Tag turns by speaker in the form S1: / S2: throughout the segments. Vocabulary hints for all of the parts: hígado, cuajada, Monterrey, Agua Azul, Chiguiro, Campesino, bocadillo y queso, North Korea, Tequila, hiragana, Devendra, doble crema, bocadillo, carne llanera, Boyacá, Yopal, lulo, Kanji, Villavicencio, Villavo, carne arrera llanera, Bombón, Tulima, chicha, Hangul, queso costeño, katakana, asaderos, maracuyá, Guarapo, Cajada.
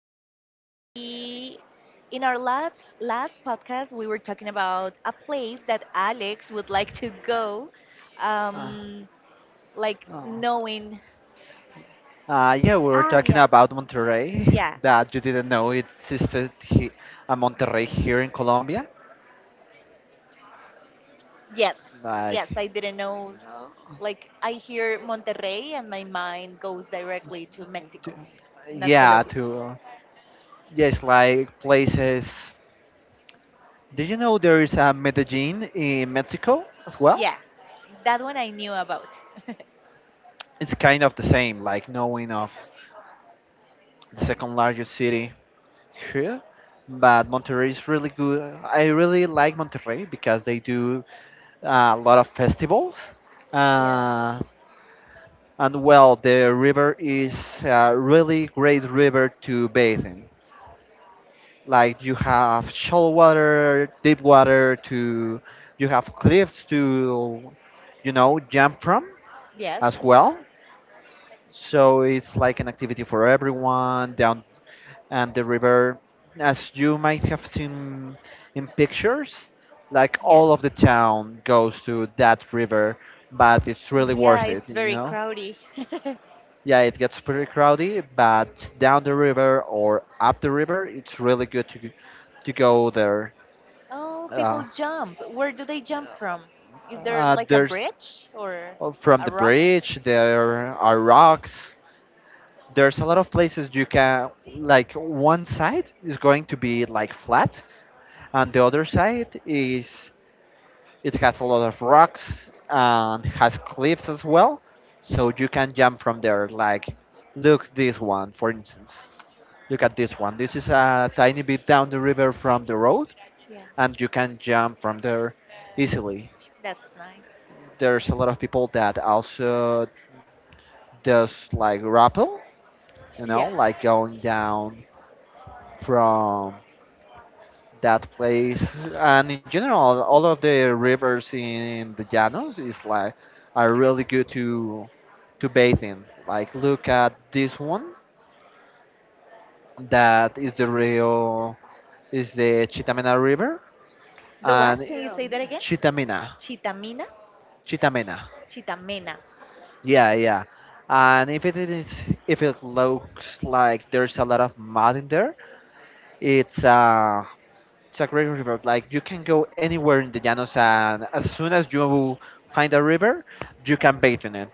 S1: We in our last podcast we were talking about a place that Alex would like to go,
S2: Uh,
S1: um, like
S2: oh.
S1: knowing.
S2: Yeah, we were talking
S1: Yeah,
S2: about Monterrey,
S1: yeah,
S2: that you didn't know it existed he, a Monterrey here in Colombia.
S1: yes, yes.
S2: Like,
S1: I didn't know.
S2: uh,
S1: Like I hear Monterrey and my mind goes directly to
S2: to-
S1: Mexico, not
S2: yeah,
S1: Colombia.
S2: to, uh, yes, like places. Did you know there is a Medellin in Mexico as well?
S1: Yeah, that one I knew about.
S2: It's kind of the same, like knowing of the second largest city here. But Monterrey is really good. I really like Monterrey because they do a lot of festivals.
S1: Yeah,
S2: Uh, and well, the river is a really great river to bathe in. Like you have shallow water, deep water to, you have cliffs to, you know, jump from
S1: yes,
S2: as well. So it's like an activity for everyone. Down and the river, as you might have seen in pictures, like
S1: yeah.
S2: all of the town goes to that river, but it's really
S1: Yeah,
S2: worth
S1: it's
S2: it you
S1: very
S2: know
S1: crowded.
S2: Yeah, it gets pretty crowded, but down the river or up the river it's really good to go there.
S1: Oh, people
S2: uh,
S1: jump. Where do they jump from? Is there like a
S2: there's
S1: bridge or
S2: from
S1: a
S2: the
S1: rock?
S2: bridge there are rocks, there's a lot of places you can, like one side is going to be like flat and the other side is, it has a lot of rocks and has cliffs as well, so you can jump from there. Like, look this one, for instance. Look at this one. This is a tiny bit down the river from the road,
S1: Yeah,
S2: and you can jump from there easily.
S1: that's nice.
S2: There's a lot of people that also does like rappel, you know,
S1: Yeah.
S2: like going down from that place, and in general all of the rivers in the llanos is like, are really good to bathe in. Like look at this one, that is the rio, is the chitamena river.
S1: The what?
S2: And
S1: Can you say
S2: um,
S1: that again?
S2: Chitamena,
S1: Chitamina?
S2: chitamena.
S1: Chitamena.
S2: Yeah, yeah. And if it is, if it looks like there's a lot of mud in there, it's uh it's a great river. Like you can go anywhere in the Llanos, and as soon as you find a river, you can bathe in it.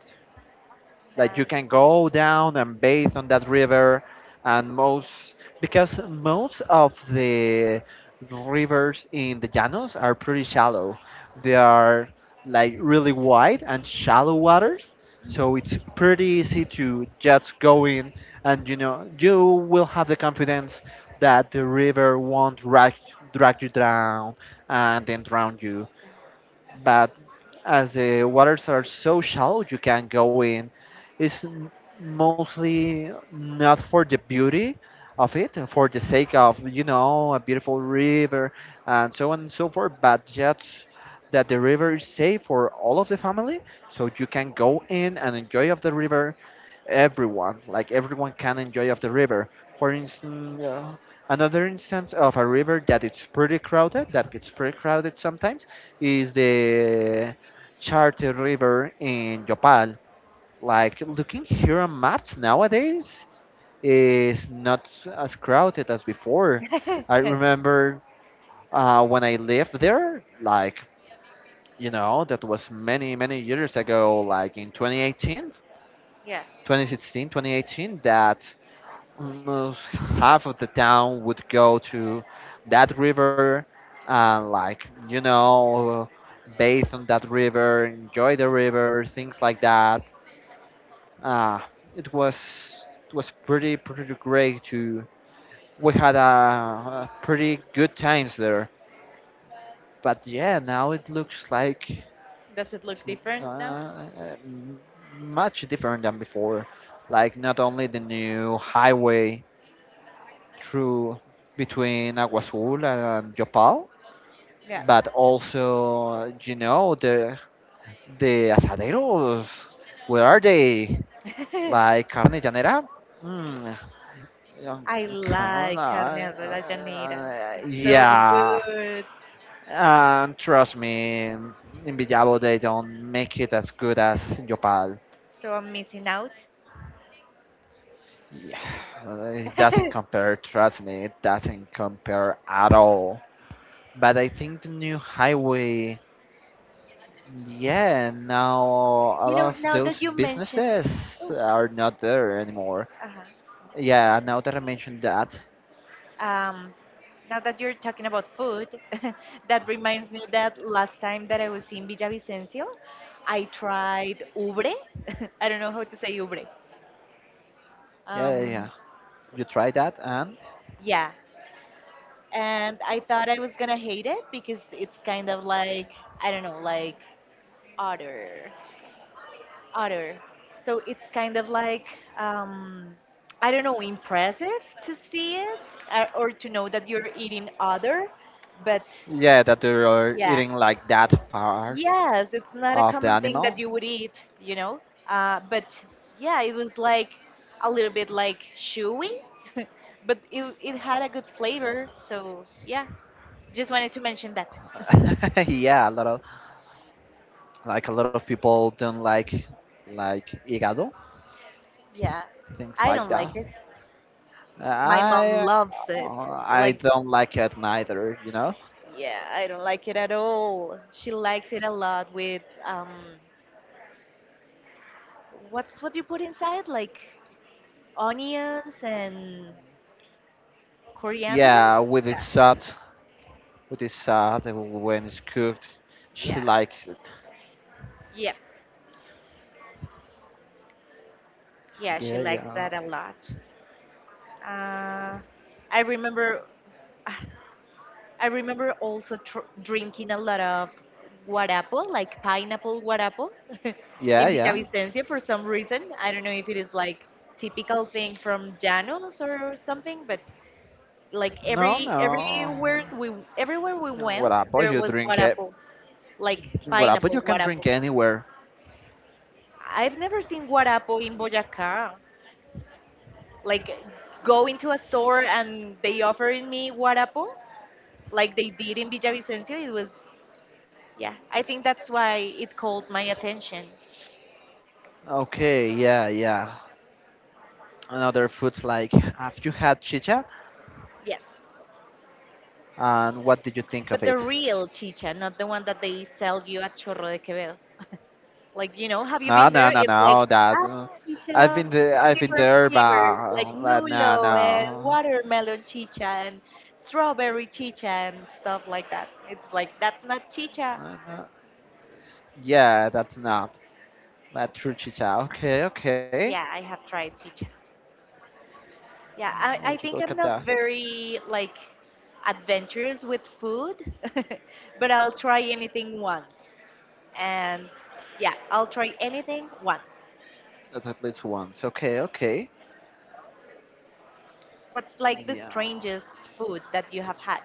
S2: Like you can go down and bathe on that river, and most, because most of the rivers in the Llanos are pretty shallow. They are like really wide and shallow waters, so it's pretty easy to just go in, and you know you will have the confidence that the river won't drag, drag you down and then drown you, but as the waters are so shallow, you can go in. It's m- Mostly not for the beauty of it, for the sake of, you know, a beautiful river and so on and so forth, but just that the river is safe for all of the family, so you can go in and enjoy of the river. Everyone, like everyone, can enjoy of the river. For instance, another instance of a river that it's pretty crowded, that gets pretty crowded sometimes, is the Charter River in Yopal. Like looking here on maps nowadays is not as crowded as before.
S1: Nice.
S2: I remember when I lived there, like you know, that was many many years ago, like in 2018,
S1: Yeah.
S2: 2016, 2018. That almost half of the town would go to that river and, like, you know, bathe on that river, enjoy the river, things like that. Uh, it was it was pretty pretty great to, we had a pretty good times there, but yeah now it looks like it's,
S1: Does it look different now?
S2: uh, much different than before. Like not only the new highway through, between Agua Azul and Yopal,
S1: Yeah.
S2: but also you know the asaderos. Where are they? Like carne llanera? Mm, um,
S1: I
S2: Carne,
S1: like carne arrera llanera. It's so
S2: yeah.
S1: good.
S2: And trust me, in Villavo they don't make it as good as Yopal.
S1: So I'm missing out.
S2: Yeah, it doesn't compare. Trust me, it doesn't compare at all. But I think the new highway, yeah, now a
S1: You
S2: lot
S1: know,
S2: of
S1: now that
S2: those
S1: you mention,
S2: businesses
S1: oh,
S2: are not there anymore.
S1: uh-huh.
S2: Yeah, now that I mentioned that,
S1: Um, Now that you're talking about food, that reminds me that last time that I was in Villavicencio, I tried ubre. I don't know how to say ubre.
S2: yeah, yeah, yeah.
S1: Um,
S2: You try that and
S1: yeah, and I thought I was gonna hate it because it's kind of like I don't know, like otter, otter. So it's kind of like um, I don't know, impressive to see it or to know that you're eating otter, but
S2: yeah, that they are
S1: yeah.
S2: eating like that part
S1: Yes, it's not a
S2: of the
S1: common thing that
S2: animal.
S1: you would eat, you know. But yeah, it was like a little bit like chewy, but it had a good flavor. So yeah, just wanted to mention that.
S2: Yeah, a lot of, like a lot of people don't like hígado,
S1: Yeah,
S2: things
S1: I
S2: like
S1: don't
S2: that.
S1: like it. My mom
S2: I
S1: loves it.
S2: uh, I
S1: Like,
S2: don't like it neither, you know.
S1: yeah, I don't like it at all. She likes it a lot with what's what you put inside? Like onions and coriander?
S2: Yeah, with
S1: Yeah,
S2: its shot, with the salad, and when it's cooked, she
S1: yeah,
S2: likes it.
S1: yeah. Yeah, she
S2: Yeah,
S1: likes
S2: yeah,
S1: that a lot. Uh, I remember, I remember also tr drinking a lot of guarapo, like pineapple guarapo,
S2: yeah,
S1: in
S2: yeah.
S1: Villavicencio for some reason. I don't know if it is like typical thing from Llanos or something, but like
S2: No, no.
S1: everywhere we went,
S2: Guarapo,
S1: there
S2: you
S1: was
S2: drink it.
S1: guarapo, like
S2: Guarapo, you
S1: pineapple
S2: can
S1: guarapo.
S2: drink anywhere.
S1: I've never seen guarapo in Boyacá. Like go into a store and they offered me guarapo like they did in Villavicencio. It was yeah. I think that's why it called my attention.
S2: Okay, yeah, yeah. Another foods like, have you had chicha?
S1: Yes,
S2: And what did you think of
S1: but the
S2: it?
S1: real chicha, not the one that they sell you at Chorro de Quevedo. Like you know, have you
S2: No,
S1: been
S2: no,
S1: there?
S2: no,
S1: It's like
S2: no. That
S1: ah,
S2: I've
S1: chicha
S2: been there,
S1: from different flavors, like
S2: but no,
S1: lulo and
S2: no.
S1: watermelon chicha and strawberry chicha and stuff like that. It's like that's not chicha.
S2: No, yeah, that's not. But true chicha. Okay, okay.
S1: Yeah, I have tried chicha. Yeah,
S2: I
S1: I
S2: want you
S1: think
S2: look
S1: I'm
S2: at
S1: not
S2: that.
S1: very like adventurous with food, but I'll try anything once. And yeah, I'll try anything once.
S2: That's at least once. Okay, okay.
S1: What's like the
S2: Yeah.
S1: strangest food that you have had?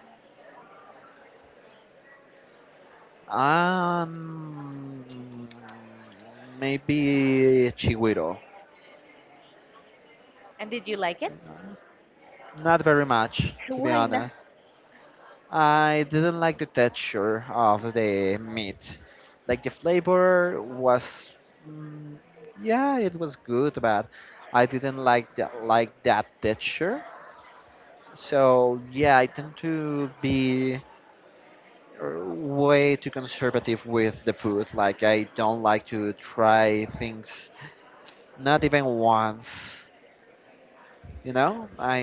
S2: Um, Maybe Chiguiro.
S1: And did you like it?
S2: Not very much, to be
S1: Why not?
S2: honest. I didn't like the texture of the meat. Like the flavor was, mm, yeah, it was good, but I didn't like that texture. So yeah, I tend to be way too conservative with the food. Like I don't like to try things, not even once. You know, I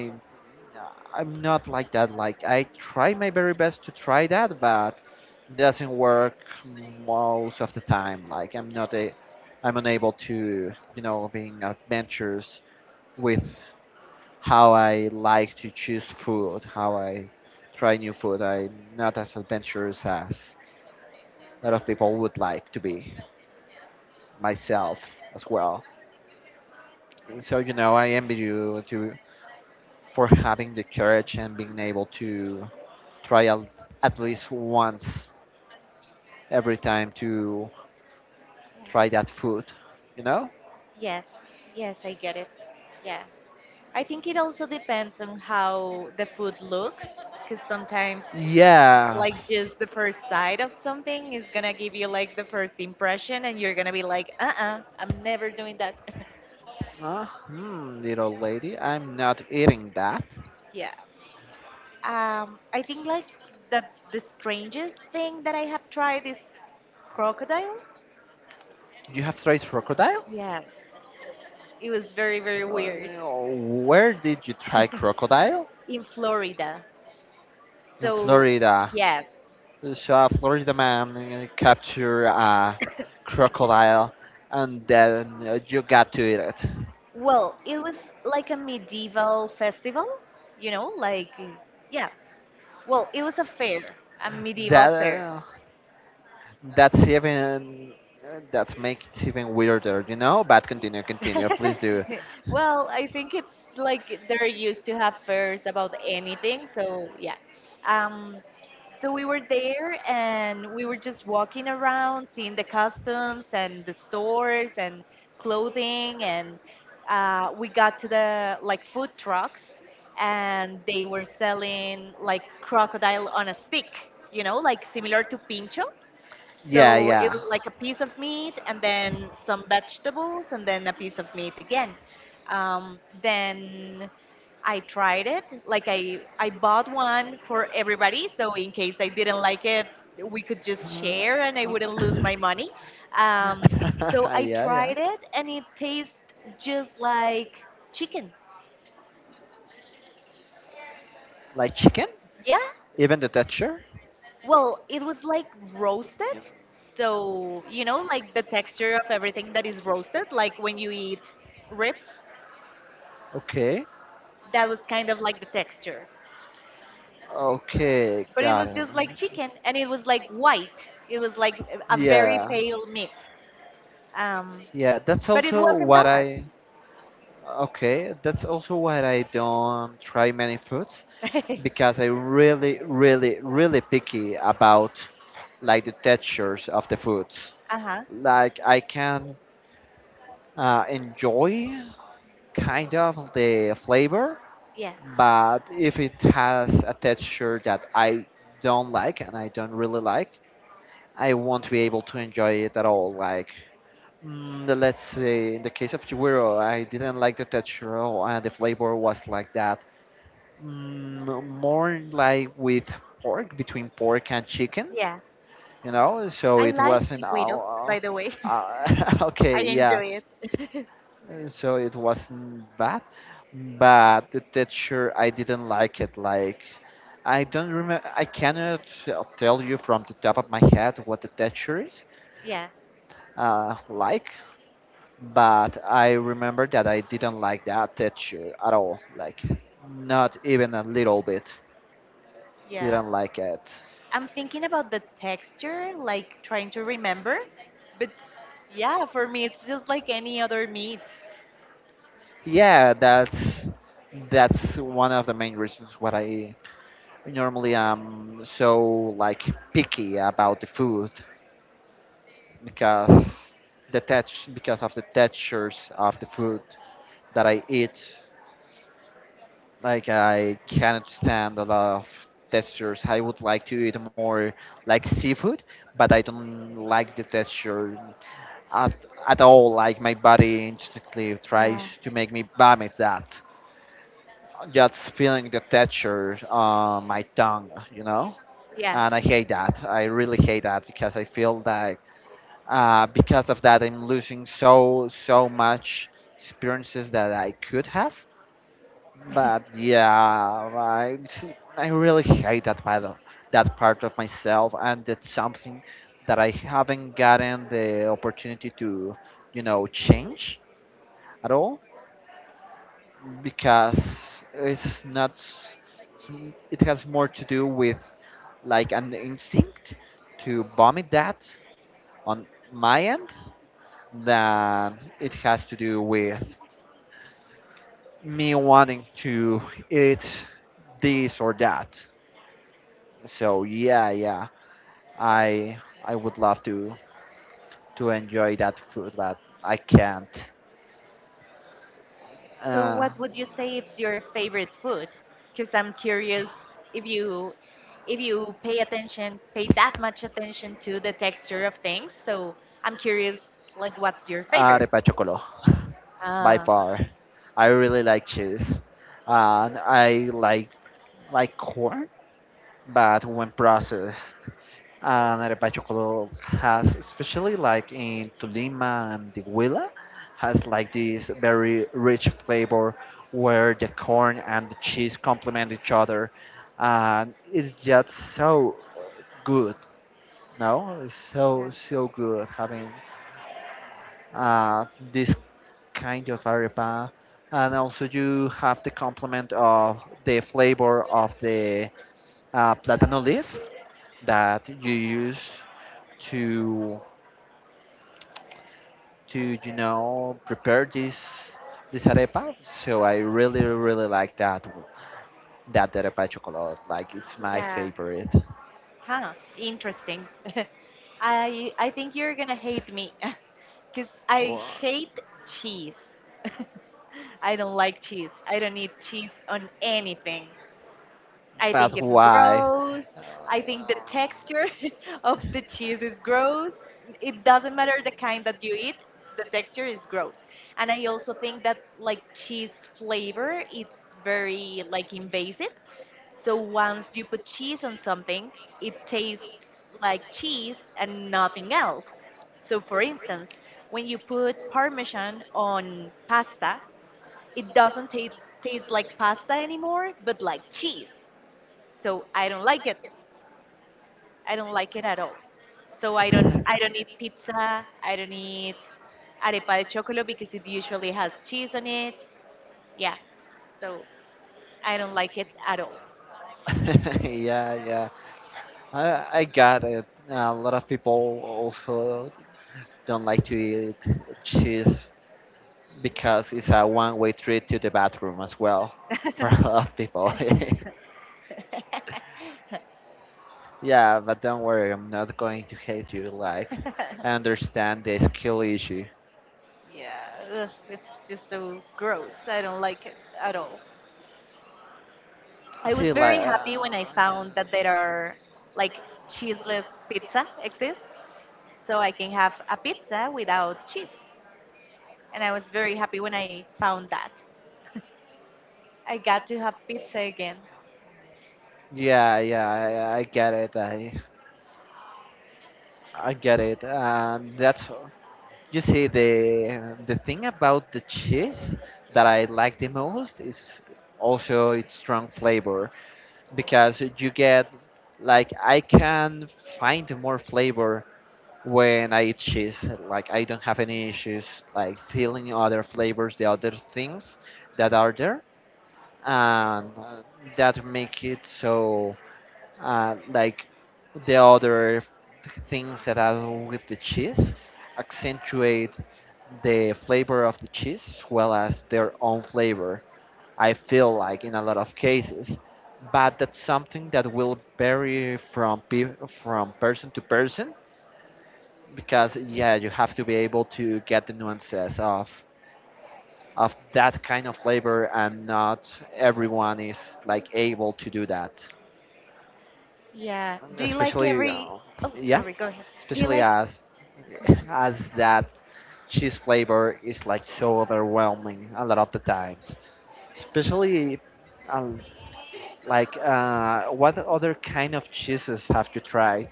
S2: Uh, I'm not like that. Like I try my very best to try that, but doesn't work most of the time. Like I'm not a, I'm unable to, you know, being adventurous with how I like to choose food, how I try new food. I'm not as adventurous as a lot of people would like to be. Myself as well. So you know, I envy you to, for having the courage and being able to trial at least once every time to
S1: Yeah.
S2: try that food, you know?
S1: Yes, yes, I get it. Yeah. I think it also depends on how the food looks, because sometimes
S2: Yeah.
S1: like just the first sight of something is gonna give you like the first impression and you're gonna be like uh-uh, I'm never doing that.
S2: Hmm, little lady, I'm not eating that.
S1: Yeah. I think like the the strangest thing that I have tried is crocodile.
S2: You have tried crocodile?
S1: Yes, it was very very weird.
S2: Uh, where did you try crocodile?
S1: In Florida.
S2: In
S1: So
S2: Florida.
S1: yes,
S2: So a Florida man captured a crocodile and then you got to eat it.
S1: well it was like a medieval festival, you know, like yeah, well it was a fair, a medieval
S2: That.
S1: fair.
S2: That's even that makes it even weirder, you know? But continue, continue, please do.
S1: Well, I think it's like they're used to have fairs about anything. So yeah. Um, so we were there and we were just walking around, seeing the customs and the stores and clothing, and we got to the like food trucks, and they were selling like crocodile on a stick, you know, like similar to pincho.
S2: Yeah,
S1: So it
S2: yeah.
S1: was like a piece of meat and then some vegetables and then a piece of meat again. Then I tried it. Like I bought one for everybody. So in case I didn't like it, we could just
S2: Uh,
S1: share and I wouldn't lose my money. Um, so
S2: oh.
S1: I
S2: Yeah, yeah.
S1: tried it and it tastes just like chicken.
S2: Like chicken?
S1: Yeah.
S2: Even the texture?
S1: Well, it was like roasted. So, you know, like the texture of everything that is roasted, like when you eat ribs,
S2: Okay.
S1: that was kind of like the texture.
S2: Okay,
S1: But it
S2: got
S1: was
S2: it.
S1: just like chicken and it was like white. It was like a very
S2: Yeah.
S1: pale meat. Um,
S2: Yeah, that's But it
S1: but it
S2: also was
S1: wasn't
S2: what
S1: bad.
S2: I Okay, that's also what I don't try many foods because I really, really, really picky about like the textures of the foods.
S1: Uh huh.
S2: Like I can enjoy kind of the flavor,
S1: Yeah.
S2: but if it has a texture that I don't like and I don't really like, I won't be able to enjoy it at all. Like, mm, let's say in the case of Chiguero, I didn't like the texture at, and the flavor was like that. Mm, more like with pork, between pork and chicken,
S1: Yeah.
S2: you know? So
S1: I
S2: it
S1: like
S2: wasn't.
S1: chiquito, by the way. I
S2: Okay, yeah.
S1: enjoy it.
S2: So it wasn't bad, but the texture I didn't like it, like I don't remember, I cannot tell you from the top of my head what the texture is,
S1: Yeah.
S2: like, but I remember that I didn't like that texture at all, like not even a little bit,
S1: Yeah.
S2: didn't like it.
S1: I'm thinking about the texture, like trying to remember. But yeah, for me, it's just like any other meat.
S2: Yeah, that's one of the main reasons why I normally am so like picky about the food, because the touch, because of the textures of the food that I eat. Like I cannot stand a lot of textures. I would like to eat more like seafood, but I don't like the texture at, at all. Like my body instantly tries
S1: Yeah.
S2: to make me vomit that. Just feeling the texture on my tongue, you know?
S1: Yeah.
S2: And I hate that. I really hate that because I feel that because of that, I'm losing so so much experiences that I could have. But yeah, I really hate that part of myself, and that's something that I haven't gotten the opportunity to, you know, change at all because it's not. S- some- it has more to do with like an instinct to vomit that on my end, that it has to do with me wanting to eat this or that. So yeah, yeah, I I would love to enjoy that food, but I can't.
S1: So
S2: Uh,
S1: what would you say it's your favorite food? Because I'm curious if you if you pay attention, pay that much attention to the texture of things. So I'm curious, like, what's your favorite?
S2: Arepa chocolo, by
S1: Ah.
S2: far. I really like cheese, and I like corn, but when processed, and Arepacho has, especially like in Tulima and Tequila, has like this very rich flavor where the corn and the cheese complement each other, and it's just so good. No, it's so
S1: Yeah.
S2: so good having uh, this kind of arepa, and also you have the complement of the flavor of the platano leaf that you use to you know prepare this arepa. So I really really like that arepa chocolate. Like it's my
S1: Yeah.
S2: favorite.
S1: Huh, interesting. I think you're gonna hate me because I
S2: Wha-
S1: hate cheese. I don't like cheese. I don't eat cheese on anything. I think
S2: But
S1: it's
S2: why?
S1: gross.
S2: Uh,
S1: I think the texture of the cheese is gross. It doesn't matter the kind that you eat, the texture is gross. And I also think that like cheese flavor, it's very like invasive. So once you put cheese on something, it tastes like cheese and nothing else. So for instance, when you put parmesan on pasta, it doesn't taste like pasta anymore, but like cheese. So I don't like it. I don't like it at all. So I don't eat pizza. I don't eat arepa de chocolate because it usually has cheese on it. Yeah. So I don't like it at all.
S2: yeah, yeah, I got it. A lot of people also don't like to eat cheese because it's a one-way trip to the bathroom as well for a lot of people. Yeah, but don't worry, I'm not going to hate you. Like, I understand the skill issue.
S1: Yeah, ugh, it's just so gross. I don't like it at all. I was
S2: See, like,
S1: very happy when I found that there are like cheeseless pizza exists, so I can have a pizza without cheese. And I was very happy when I found that. I got to have pizza again.
S2: yeah, yeah, I get it. I get it. And that's, you see, the thing about the cheese that I like the most is also its strong flavor. Because you get, like, I can find more flavor when I eat cheese. Like, I don't have any issues like feeling other flavors, the other things that are there, and that make it so, like the other things that are with the cheese accentuate the flavor of the cheese as well as their own flavor. I feel like in a lot of cases, but that's something that will vary from from person to person because, yeah, you have to be able to get the nuances of that kind of flavor, and not everyone is like able to do that.
S1: Yeah.
S2: And
S1: Do you like
S2: especially
S1: every? Oh,
S2: yeah,
S1: sorry. Go ahead. Do you
S2: especially
S1: like?
S2: as as that cheese flavor is like so overwhelming a lot of the times, especially, uh, like, what other kind of cheeses have you tried?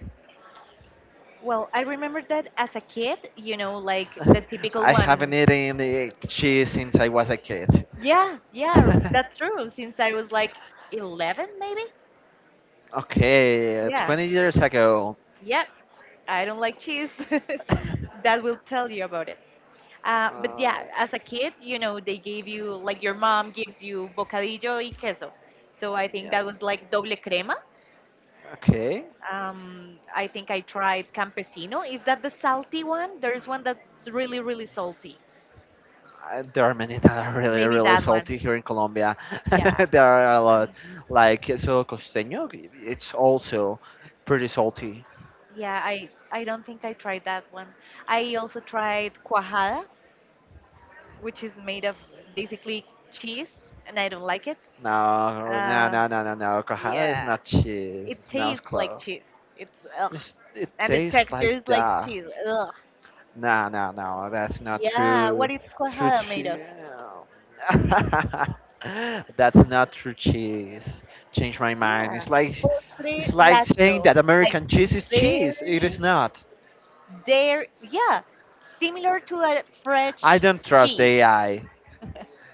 S1: Well, I remember that as a kid, you know, like the typical
S2: I haven't
S1: one.
S2: eaten cheese since I was a kid.
S1: Yeah, yeah, yeah, that's true. Since I was like 11, maybe.
S2: Okay,
S1: Yeah.
S2: 20 years ago.
S1: Yep, I don't like cheese.
S2: Uh,
S1: That will tell you about it. But yeah, as a kid, you know, they gave you like your mom gives you bocadillo y queso. So I think
S2: yeah.
S1: that was like doble crema.
S2: Okay.
S1: I think I tried Campesino. Is that the salty one? There's one that's really, really salty.
S2: There are many that are really,
S1: Maybe
S2: really
S1: that one.
S2: salty here in Colombia.
S1: Yeah.
S2: There are a lot.
S1: Um,
S2: Like queso costeño, it's also pretty salty.
S1: yeah, I don't think I tried that one. I also tried cuajada, which is made of basically cheese, and I don't like it.
S2: No, no,
S1: Uh,
S2: no, no, no, no. Cajada is
S1: yeah.
S2: not cheese.
S1: It
S2: It's not
S1: tastes like
S2: close.
S1: cheese. It's ugh.
S2: It
S1: And the
S2: tastes
S1: texture
S2: like
S1: is like
S2: that.
S1: cheese. Ugh.
S2: No, no, no, that's not
S1: Yeah.
S2: true.
S1: What is
S2: True
S1: cuajada made
S2: cheese.
S1: of?
S2: That's not true cheese. Change my mind.
S1: Yeah.
S2: It's
S1: Postre
S2: it's like saying
S1: lácteo.
S2: that
S1: Like
S2: American cheese is cheese. It is
S1: dairy.
S2: not.
S1: There, yeah, similar to a
S2: I
S1: French
S2: don't trust the
S1: cheese.
S2: AI.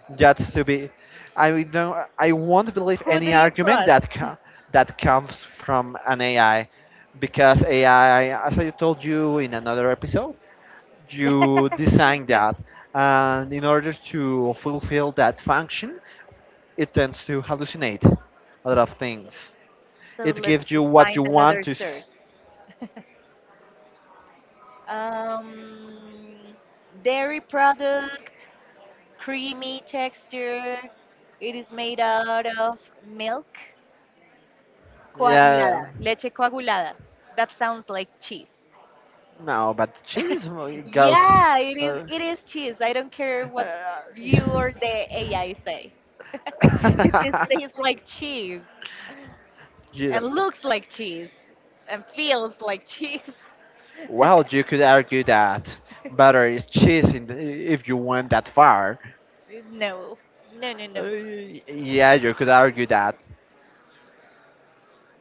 S2: That's to be. I don't. I won't believe
S1: Who do
S2: any
S1: you
S2: argument
S1: trust?
S2: that that comes from an AI, because AI, as I told you in another episode, you design that, and in order to fulfill that function it tends to hallucinate a lot of things.
S1: So
S2: It
S1: let's
S2: gives you
S1: just
S2: what
S1: find
S2: you want
S1: another
S2: to
S1: source. Um, Dairy product, creamy texture. It is made out of milk
S2: yeah.
S1: coagulada, leche coagulada. That sounds like cheese.
S2: No, but cheese goes,
S1: Yeah,
S2: uh,
S1: it is cheese. I don't care what you or
S2: uh,
S1: the AI say. It just tastes like cheese and
S2: you-
S1: looks like cheese and feels like cheese.
S2: well, you could argue that butter is cheese in the, if you went that far,
S1: No. No, no, no.
S2: yeah, you could argue that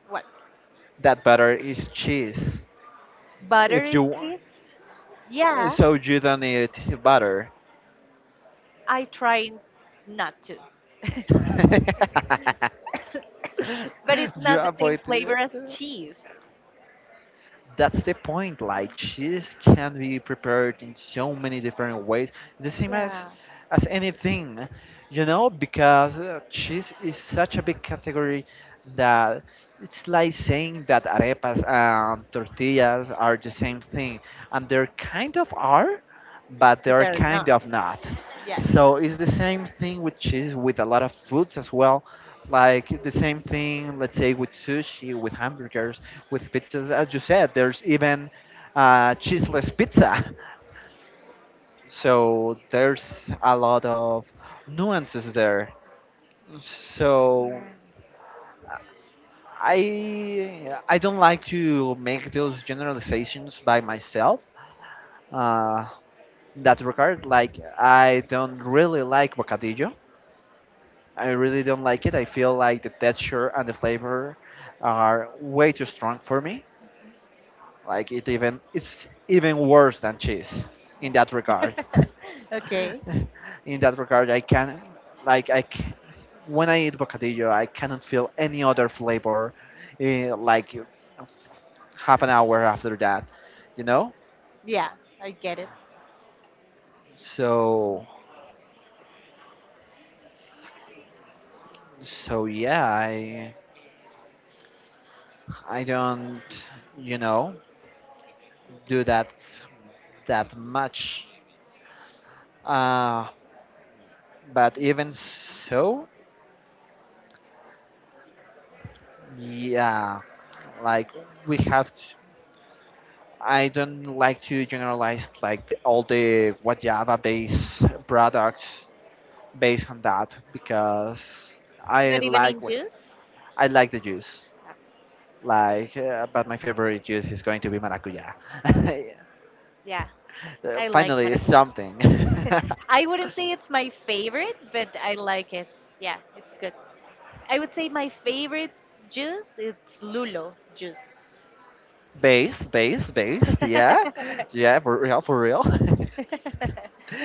S1: What?
S2: that butter is cheese.
S1: Butter
S2: If
S1: is
S2: you want,
S1: cheese? Yeah,
S2: so you don't need butter.
S1: I try not to. But it's
S2: You
S1: not the same
S2: avoid.
S1: flavor as cheese.
S2: That's the point. Like, cheese can be prepared in so many different ways. The same
S1: Yeah.
S2: as anything, you know, because cheese is such a big category that it's like saying that arepas and tortillas are the same thing, and they're kind of are, but
S1: But
S2: they're
S1: they're not.
S2: kind of not.
S1: Yeah.
S2: So it's the same thing with cheese, with a lot of foods as well. Like the same thing, let's say, with sushi, with hamburgers, with pizzas. As you said, there's even, cheeseless pizza. So there's a lot of nuances there. So I don't like to make those generalizations by myself. Uh, in that regard, like, I don't really like bocadillo. I really don't like it. I feel like the texture and the flavor are way too strong for me. Like, it even, it's even worse than cheese in that regard.
S1: Yeah. Okay.
S2: In that regard, I can, like I c- when I eat bocadillo, I cannot feel any other flavor, eh, like, half an hour after that, you know.
S1: Yeah, I get it.
S2: So so yeah, I don't, you know do that that much. Uh, but even so, yeah, like, we have to, I don't like to generalize like the, all the what Java based products based on that, because I
S1: Not even
S2: like
S1: in
S2: what,
S1: juice.
S2: I like the juice.
S1: Uh,
S2: Like, but my favorite juice is going to be maracuya.
S1: Yeah. I like
S2: Finally, it's
S1: maracuja.
S2: something.
S1: I wouldn't say it's my favorite, but I like it. Yeah, it's good. I would say my favorite juice is lulo juice.
S2: Based, based, based. Yeah, yeah, for real, for real.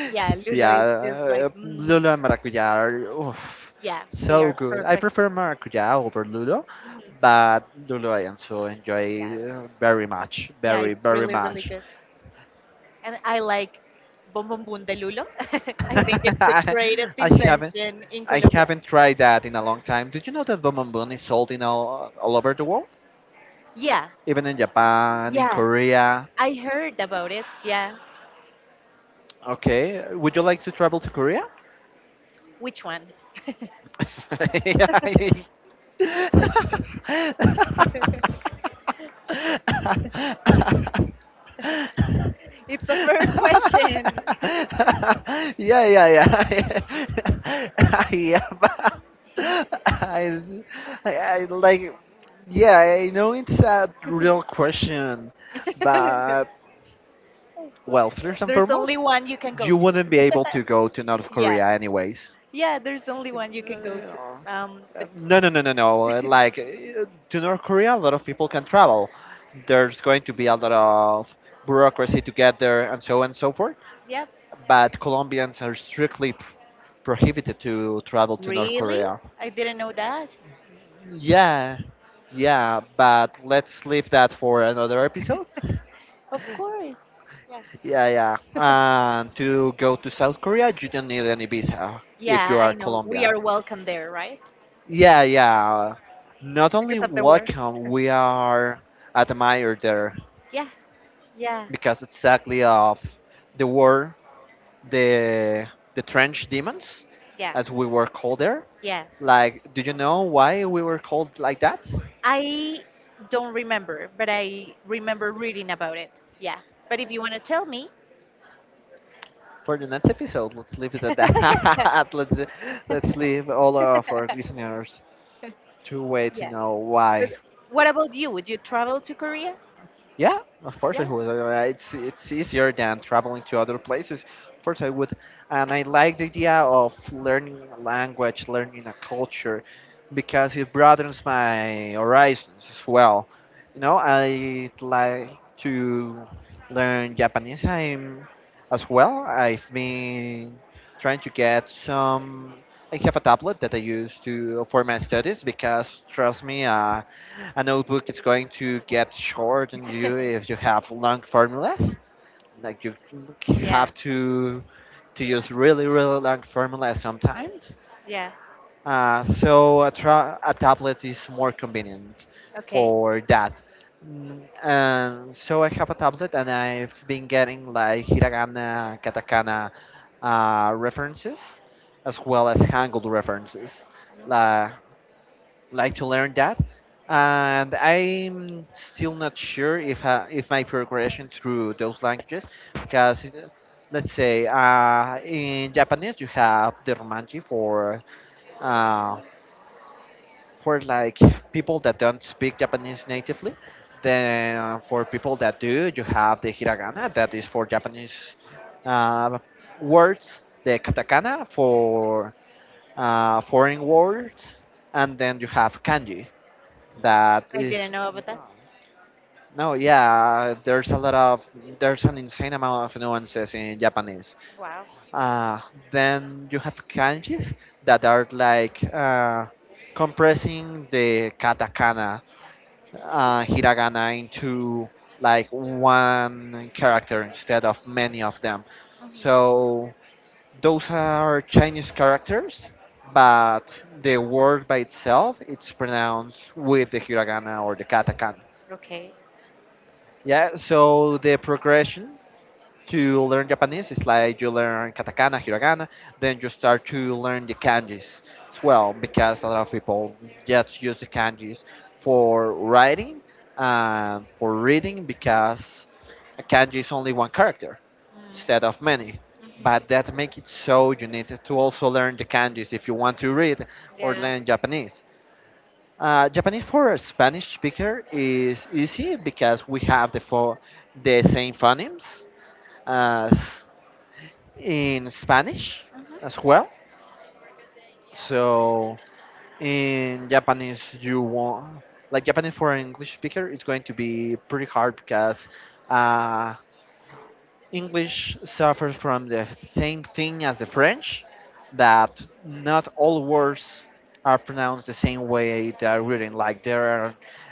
S1: Yeah, lulo
S2: Yeah,
S1: is just like, mm,
S2: Lulo and Maracuya are, oof,
S1: yeah, they
S2: so
S1: are
S2: good. I
S1: perfect.
S2: prefer Maracuya over Lulo,
S1: Mhm.
S2: but Lulo I also
S1: Yeah,
S2: enjoy very much,
S1: yeah,
S2: very,
S1: it's
S2: very
S1: really, really
S2: much.
S1: good. And I like bombombón de lulo. I think it's the greatest
S2: I haven't,
S1: invention in
S2: I
S1: Colombia.
S2: haven't tried that in a long time. Did you know that Bombon is sold in all over the world?
S1: Yeah,
S2: Even in Japan, in
S1: yeah.
S2: Korea.
S1: I heard about it. Yeah.
S2: Okay, would you like to travel to Korea?
S1: Which one?
S2: Yeah,
S1: It's a fair question.
S2: yeah, yeah, yeah. Yeah, but I, I like, yeah, I know it's a real question, but, well, first and
S1: There's only
S2: foremost,
S1: one you can go
S2: you
S1: to.
S2: wouldn't be able to go to North
S1: Yeah.
S2: Korea anyways.
S1: Yeah, there's only one you can go to.
S2: Uh,
S1: But
S2: No, no, no, no, no. Uh, like, to North Korea, a lot of people can travel. There's going to be a lot of bureaucracy to get there, and so on and so forth.
S1: Yeah,
S2: But Colombians are strictly prohibited to travel to North
S1: really?
S2: Korea.
S1: I didn't know that.
S2: Yeah, yeah. But let's leave that for another episode.
S1: Of course. Yeah.
S2: Yeah, yeah. And to go to South Korea, you don't need any visa
S1: Yeah,
S2: if you
S1: I
S2: are
S1: know. We
S2: Colombian.
S1: are welcome there, right?
S2: Yeah, yeah. Not
S1: Because
S2: only
S1: of the war.
S2: welcome, we are admired there
S1: Yeah, yeah,
S2: because exactly of the war, the the trench demons,
S1: yeah,
S2: as we were called there.
S1: yes.
S2: Like, do you know why we were called like that?
S1: I don't remember, but I remember reading about it. Yeah. But if you want to tell me,
S2: For the next episode, let's leave it at that. Let's leave all of our listeners to wait to
S1: yeah.
S2: know
S1: But
S2: why.
S1: what about you? Would you travel to Korea?
S2: Yeah, of course I
S1: Yeah.
S2: would. It's easier than traveling to other places. Of course I would, and I like the idea of learning a language, learning a culture, because it broadens my horizons as well. You know, I like to learn Japanese. I'm as well. I've been trying to get some. I have a tablet that I use to for my studies, because trust me, a notebook is going to get short on you if you have long formulas. Like, you
S1: Yeah.
S2: have to use really really long formulas sometimes.
S1: Yeah.
S2: So a, a tablet is more convenient
S1: Okay.
S2: for that. Mm, and so I have a tablet, and I've been getting like hiragana, katakana, references, as well as Hangul references. La, like to learn that. And I'm still not sure if, if my progression through those languages, because, let's say, in Japanese you have the romaji for, uh, for like people that don't speak Japanese natively. Then, for people that do, you have the Hiragana that is for Japanese, uh, words, the Katakana for foreign words, and then you have Kanji that
S1: I didn't
S2: is,
S1: know about that.
S2: no, yeah, there's a lot of, there's an insane amount of nuances in Japanese.
S1: Wow.
S2: uh, then you have kanjis that are like, compressing the katakana, hiragana into like one character instead of many of them.
S1: Hmm.
S2: So those are Chinese characters, but the word by itself, it's pronounced with the hiragana or the katakana.
S1: Okay.
S2: Yeah, so the progression to learn Japanese is like you learn katakana, hiragana, then you start to learn the kanjis as well, because a lot of people just use the kanjis for writing and for reading, because a kanji is only one character
S1: Mm-hmm.
S2: instead of many. But that makes it so you need to also learn the kanjis if you want to read or
S1: Yeah.
S2: learn Japanese. Japanese for a Spanish speaker is easy, because we have the the same phonemes as in Spanish
S1: Hmm.
S2: as well. So in Japanese, you want, like, Japanese for an English speaker, it's going to be pretty hard because, uh, English suffers from the same thing as the French, that not all words are pronounced the same way they are written. Like, there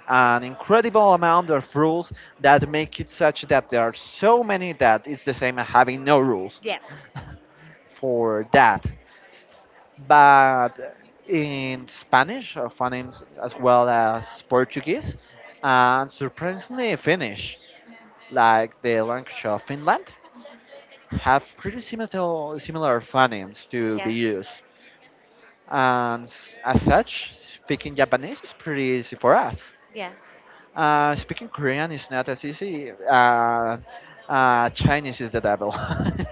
S2: are an incredible amount of rules that make it such that there are so many that it's the same as having no rules
S1: Yes.
S2: for that. S- but in Spanish, phonemes, as well as Portuguese, and surprisingly Finnish, like the language of Finland, have pretty similar, similar phonics to
S1: Yeah.
S2: be used. And as such, speaking Japanese is pretty easy for us.
S1: Yeah.
S2: Speaking Korean is not as easy. Chinese is the devil.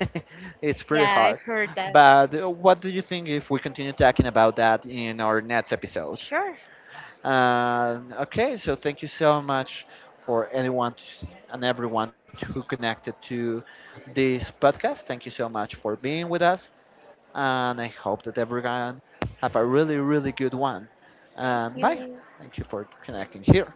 S2: It's pretty
S1: Yeah. I've
S2: hard.
S1: heard that.
S2: But, what do you think if we continue talking about that in our next episode?
S1: Sure.
S2: Okay, so thank you so much for anyone and everyone who connected to this podcast. Thank you so much for being with us, and I hope that everyone have a really really good one. And
S1: Thank
S2: bye. Thank you for connecting here.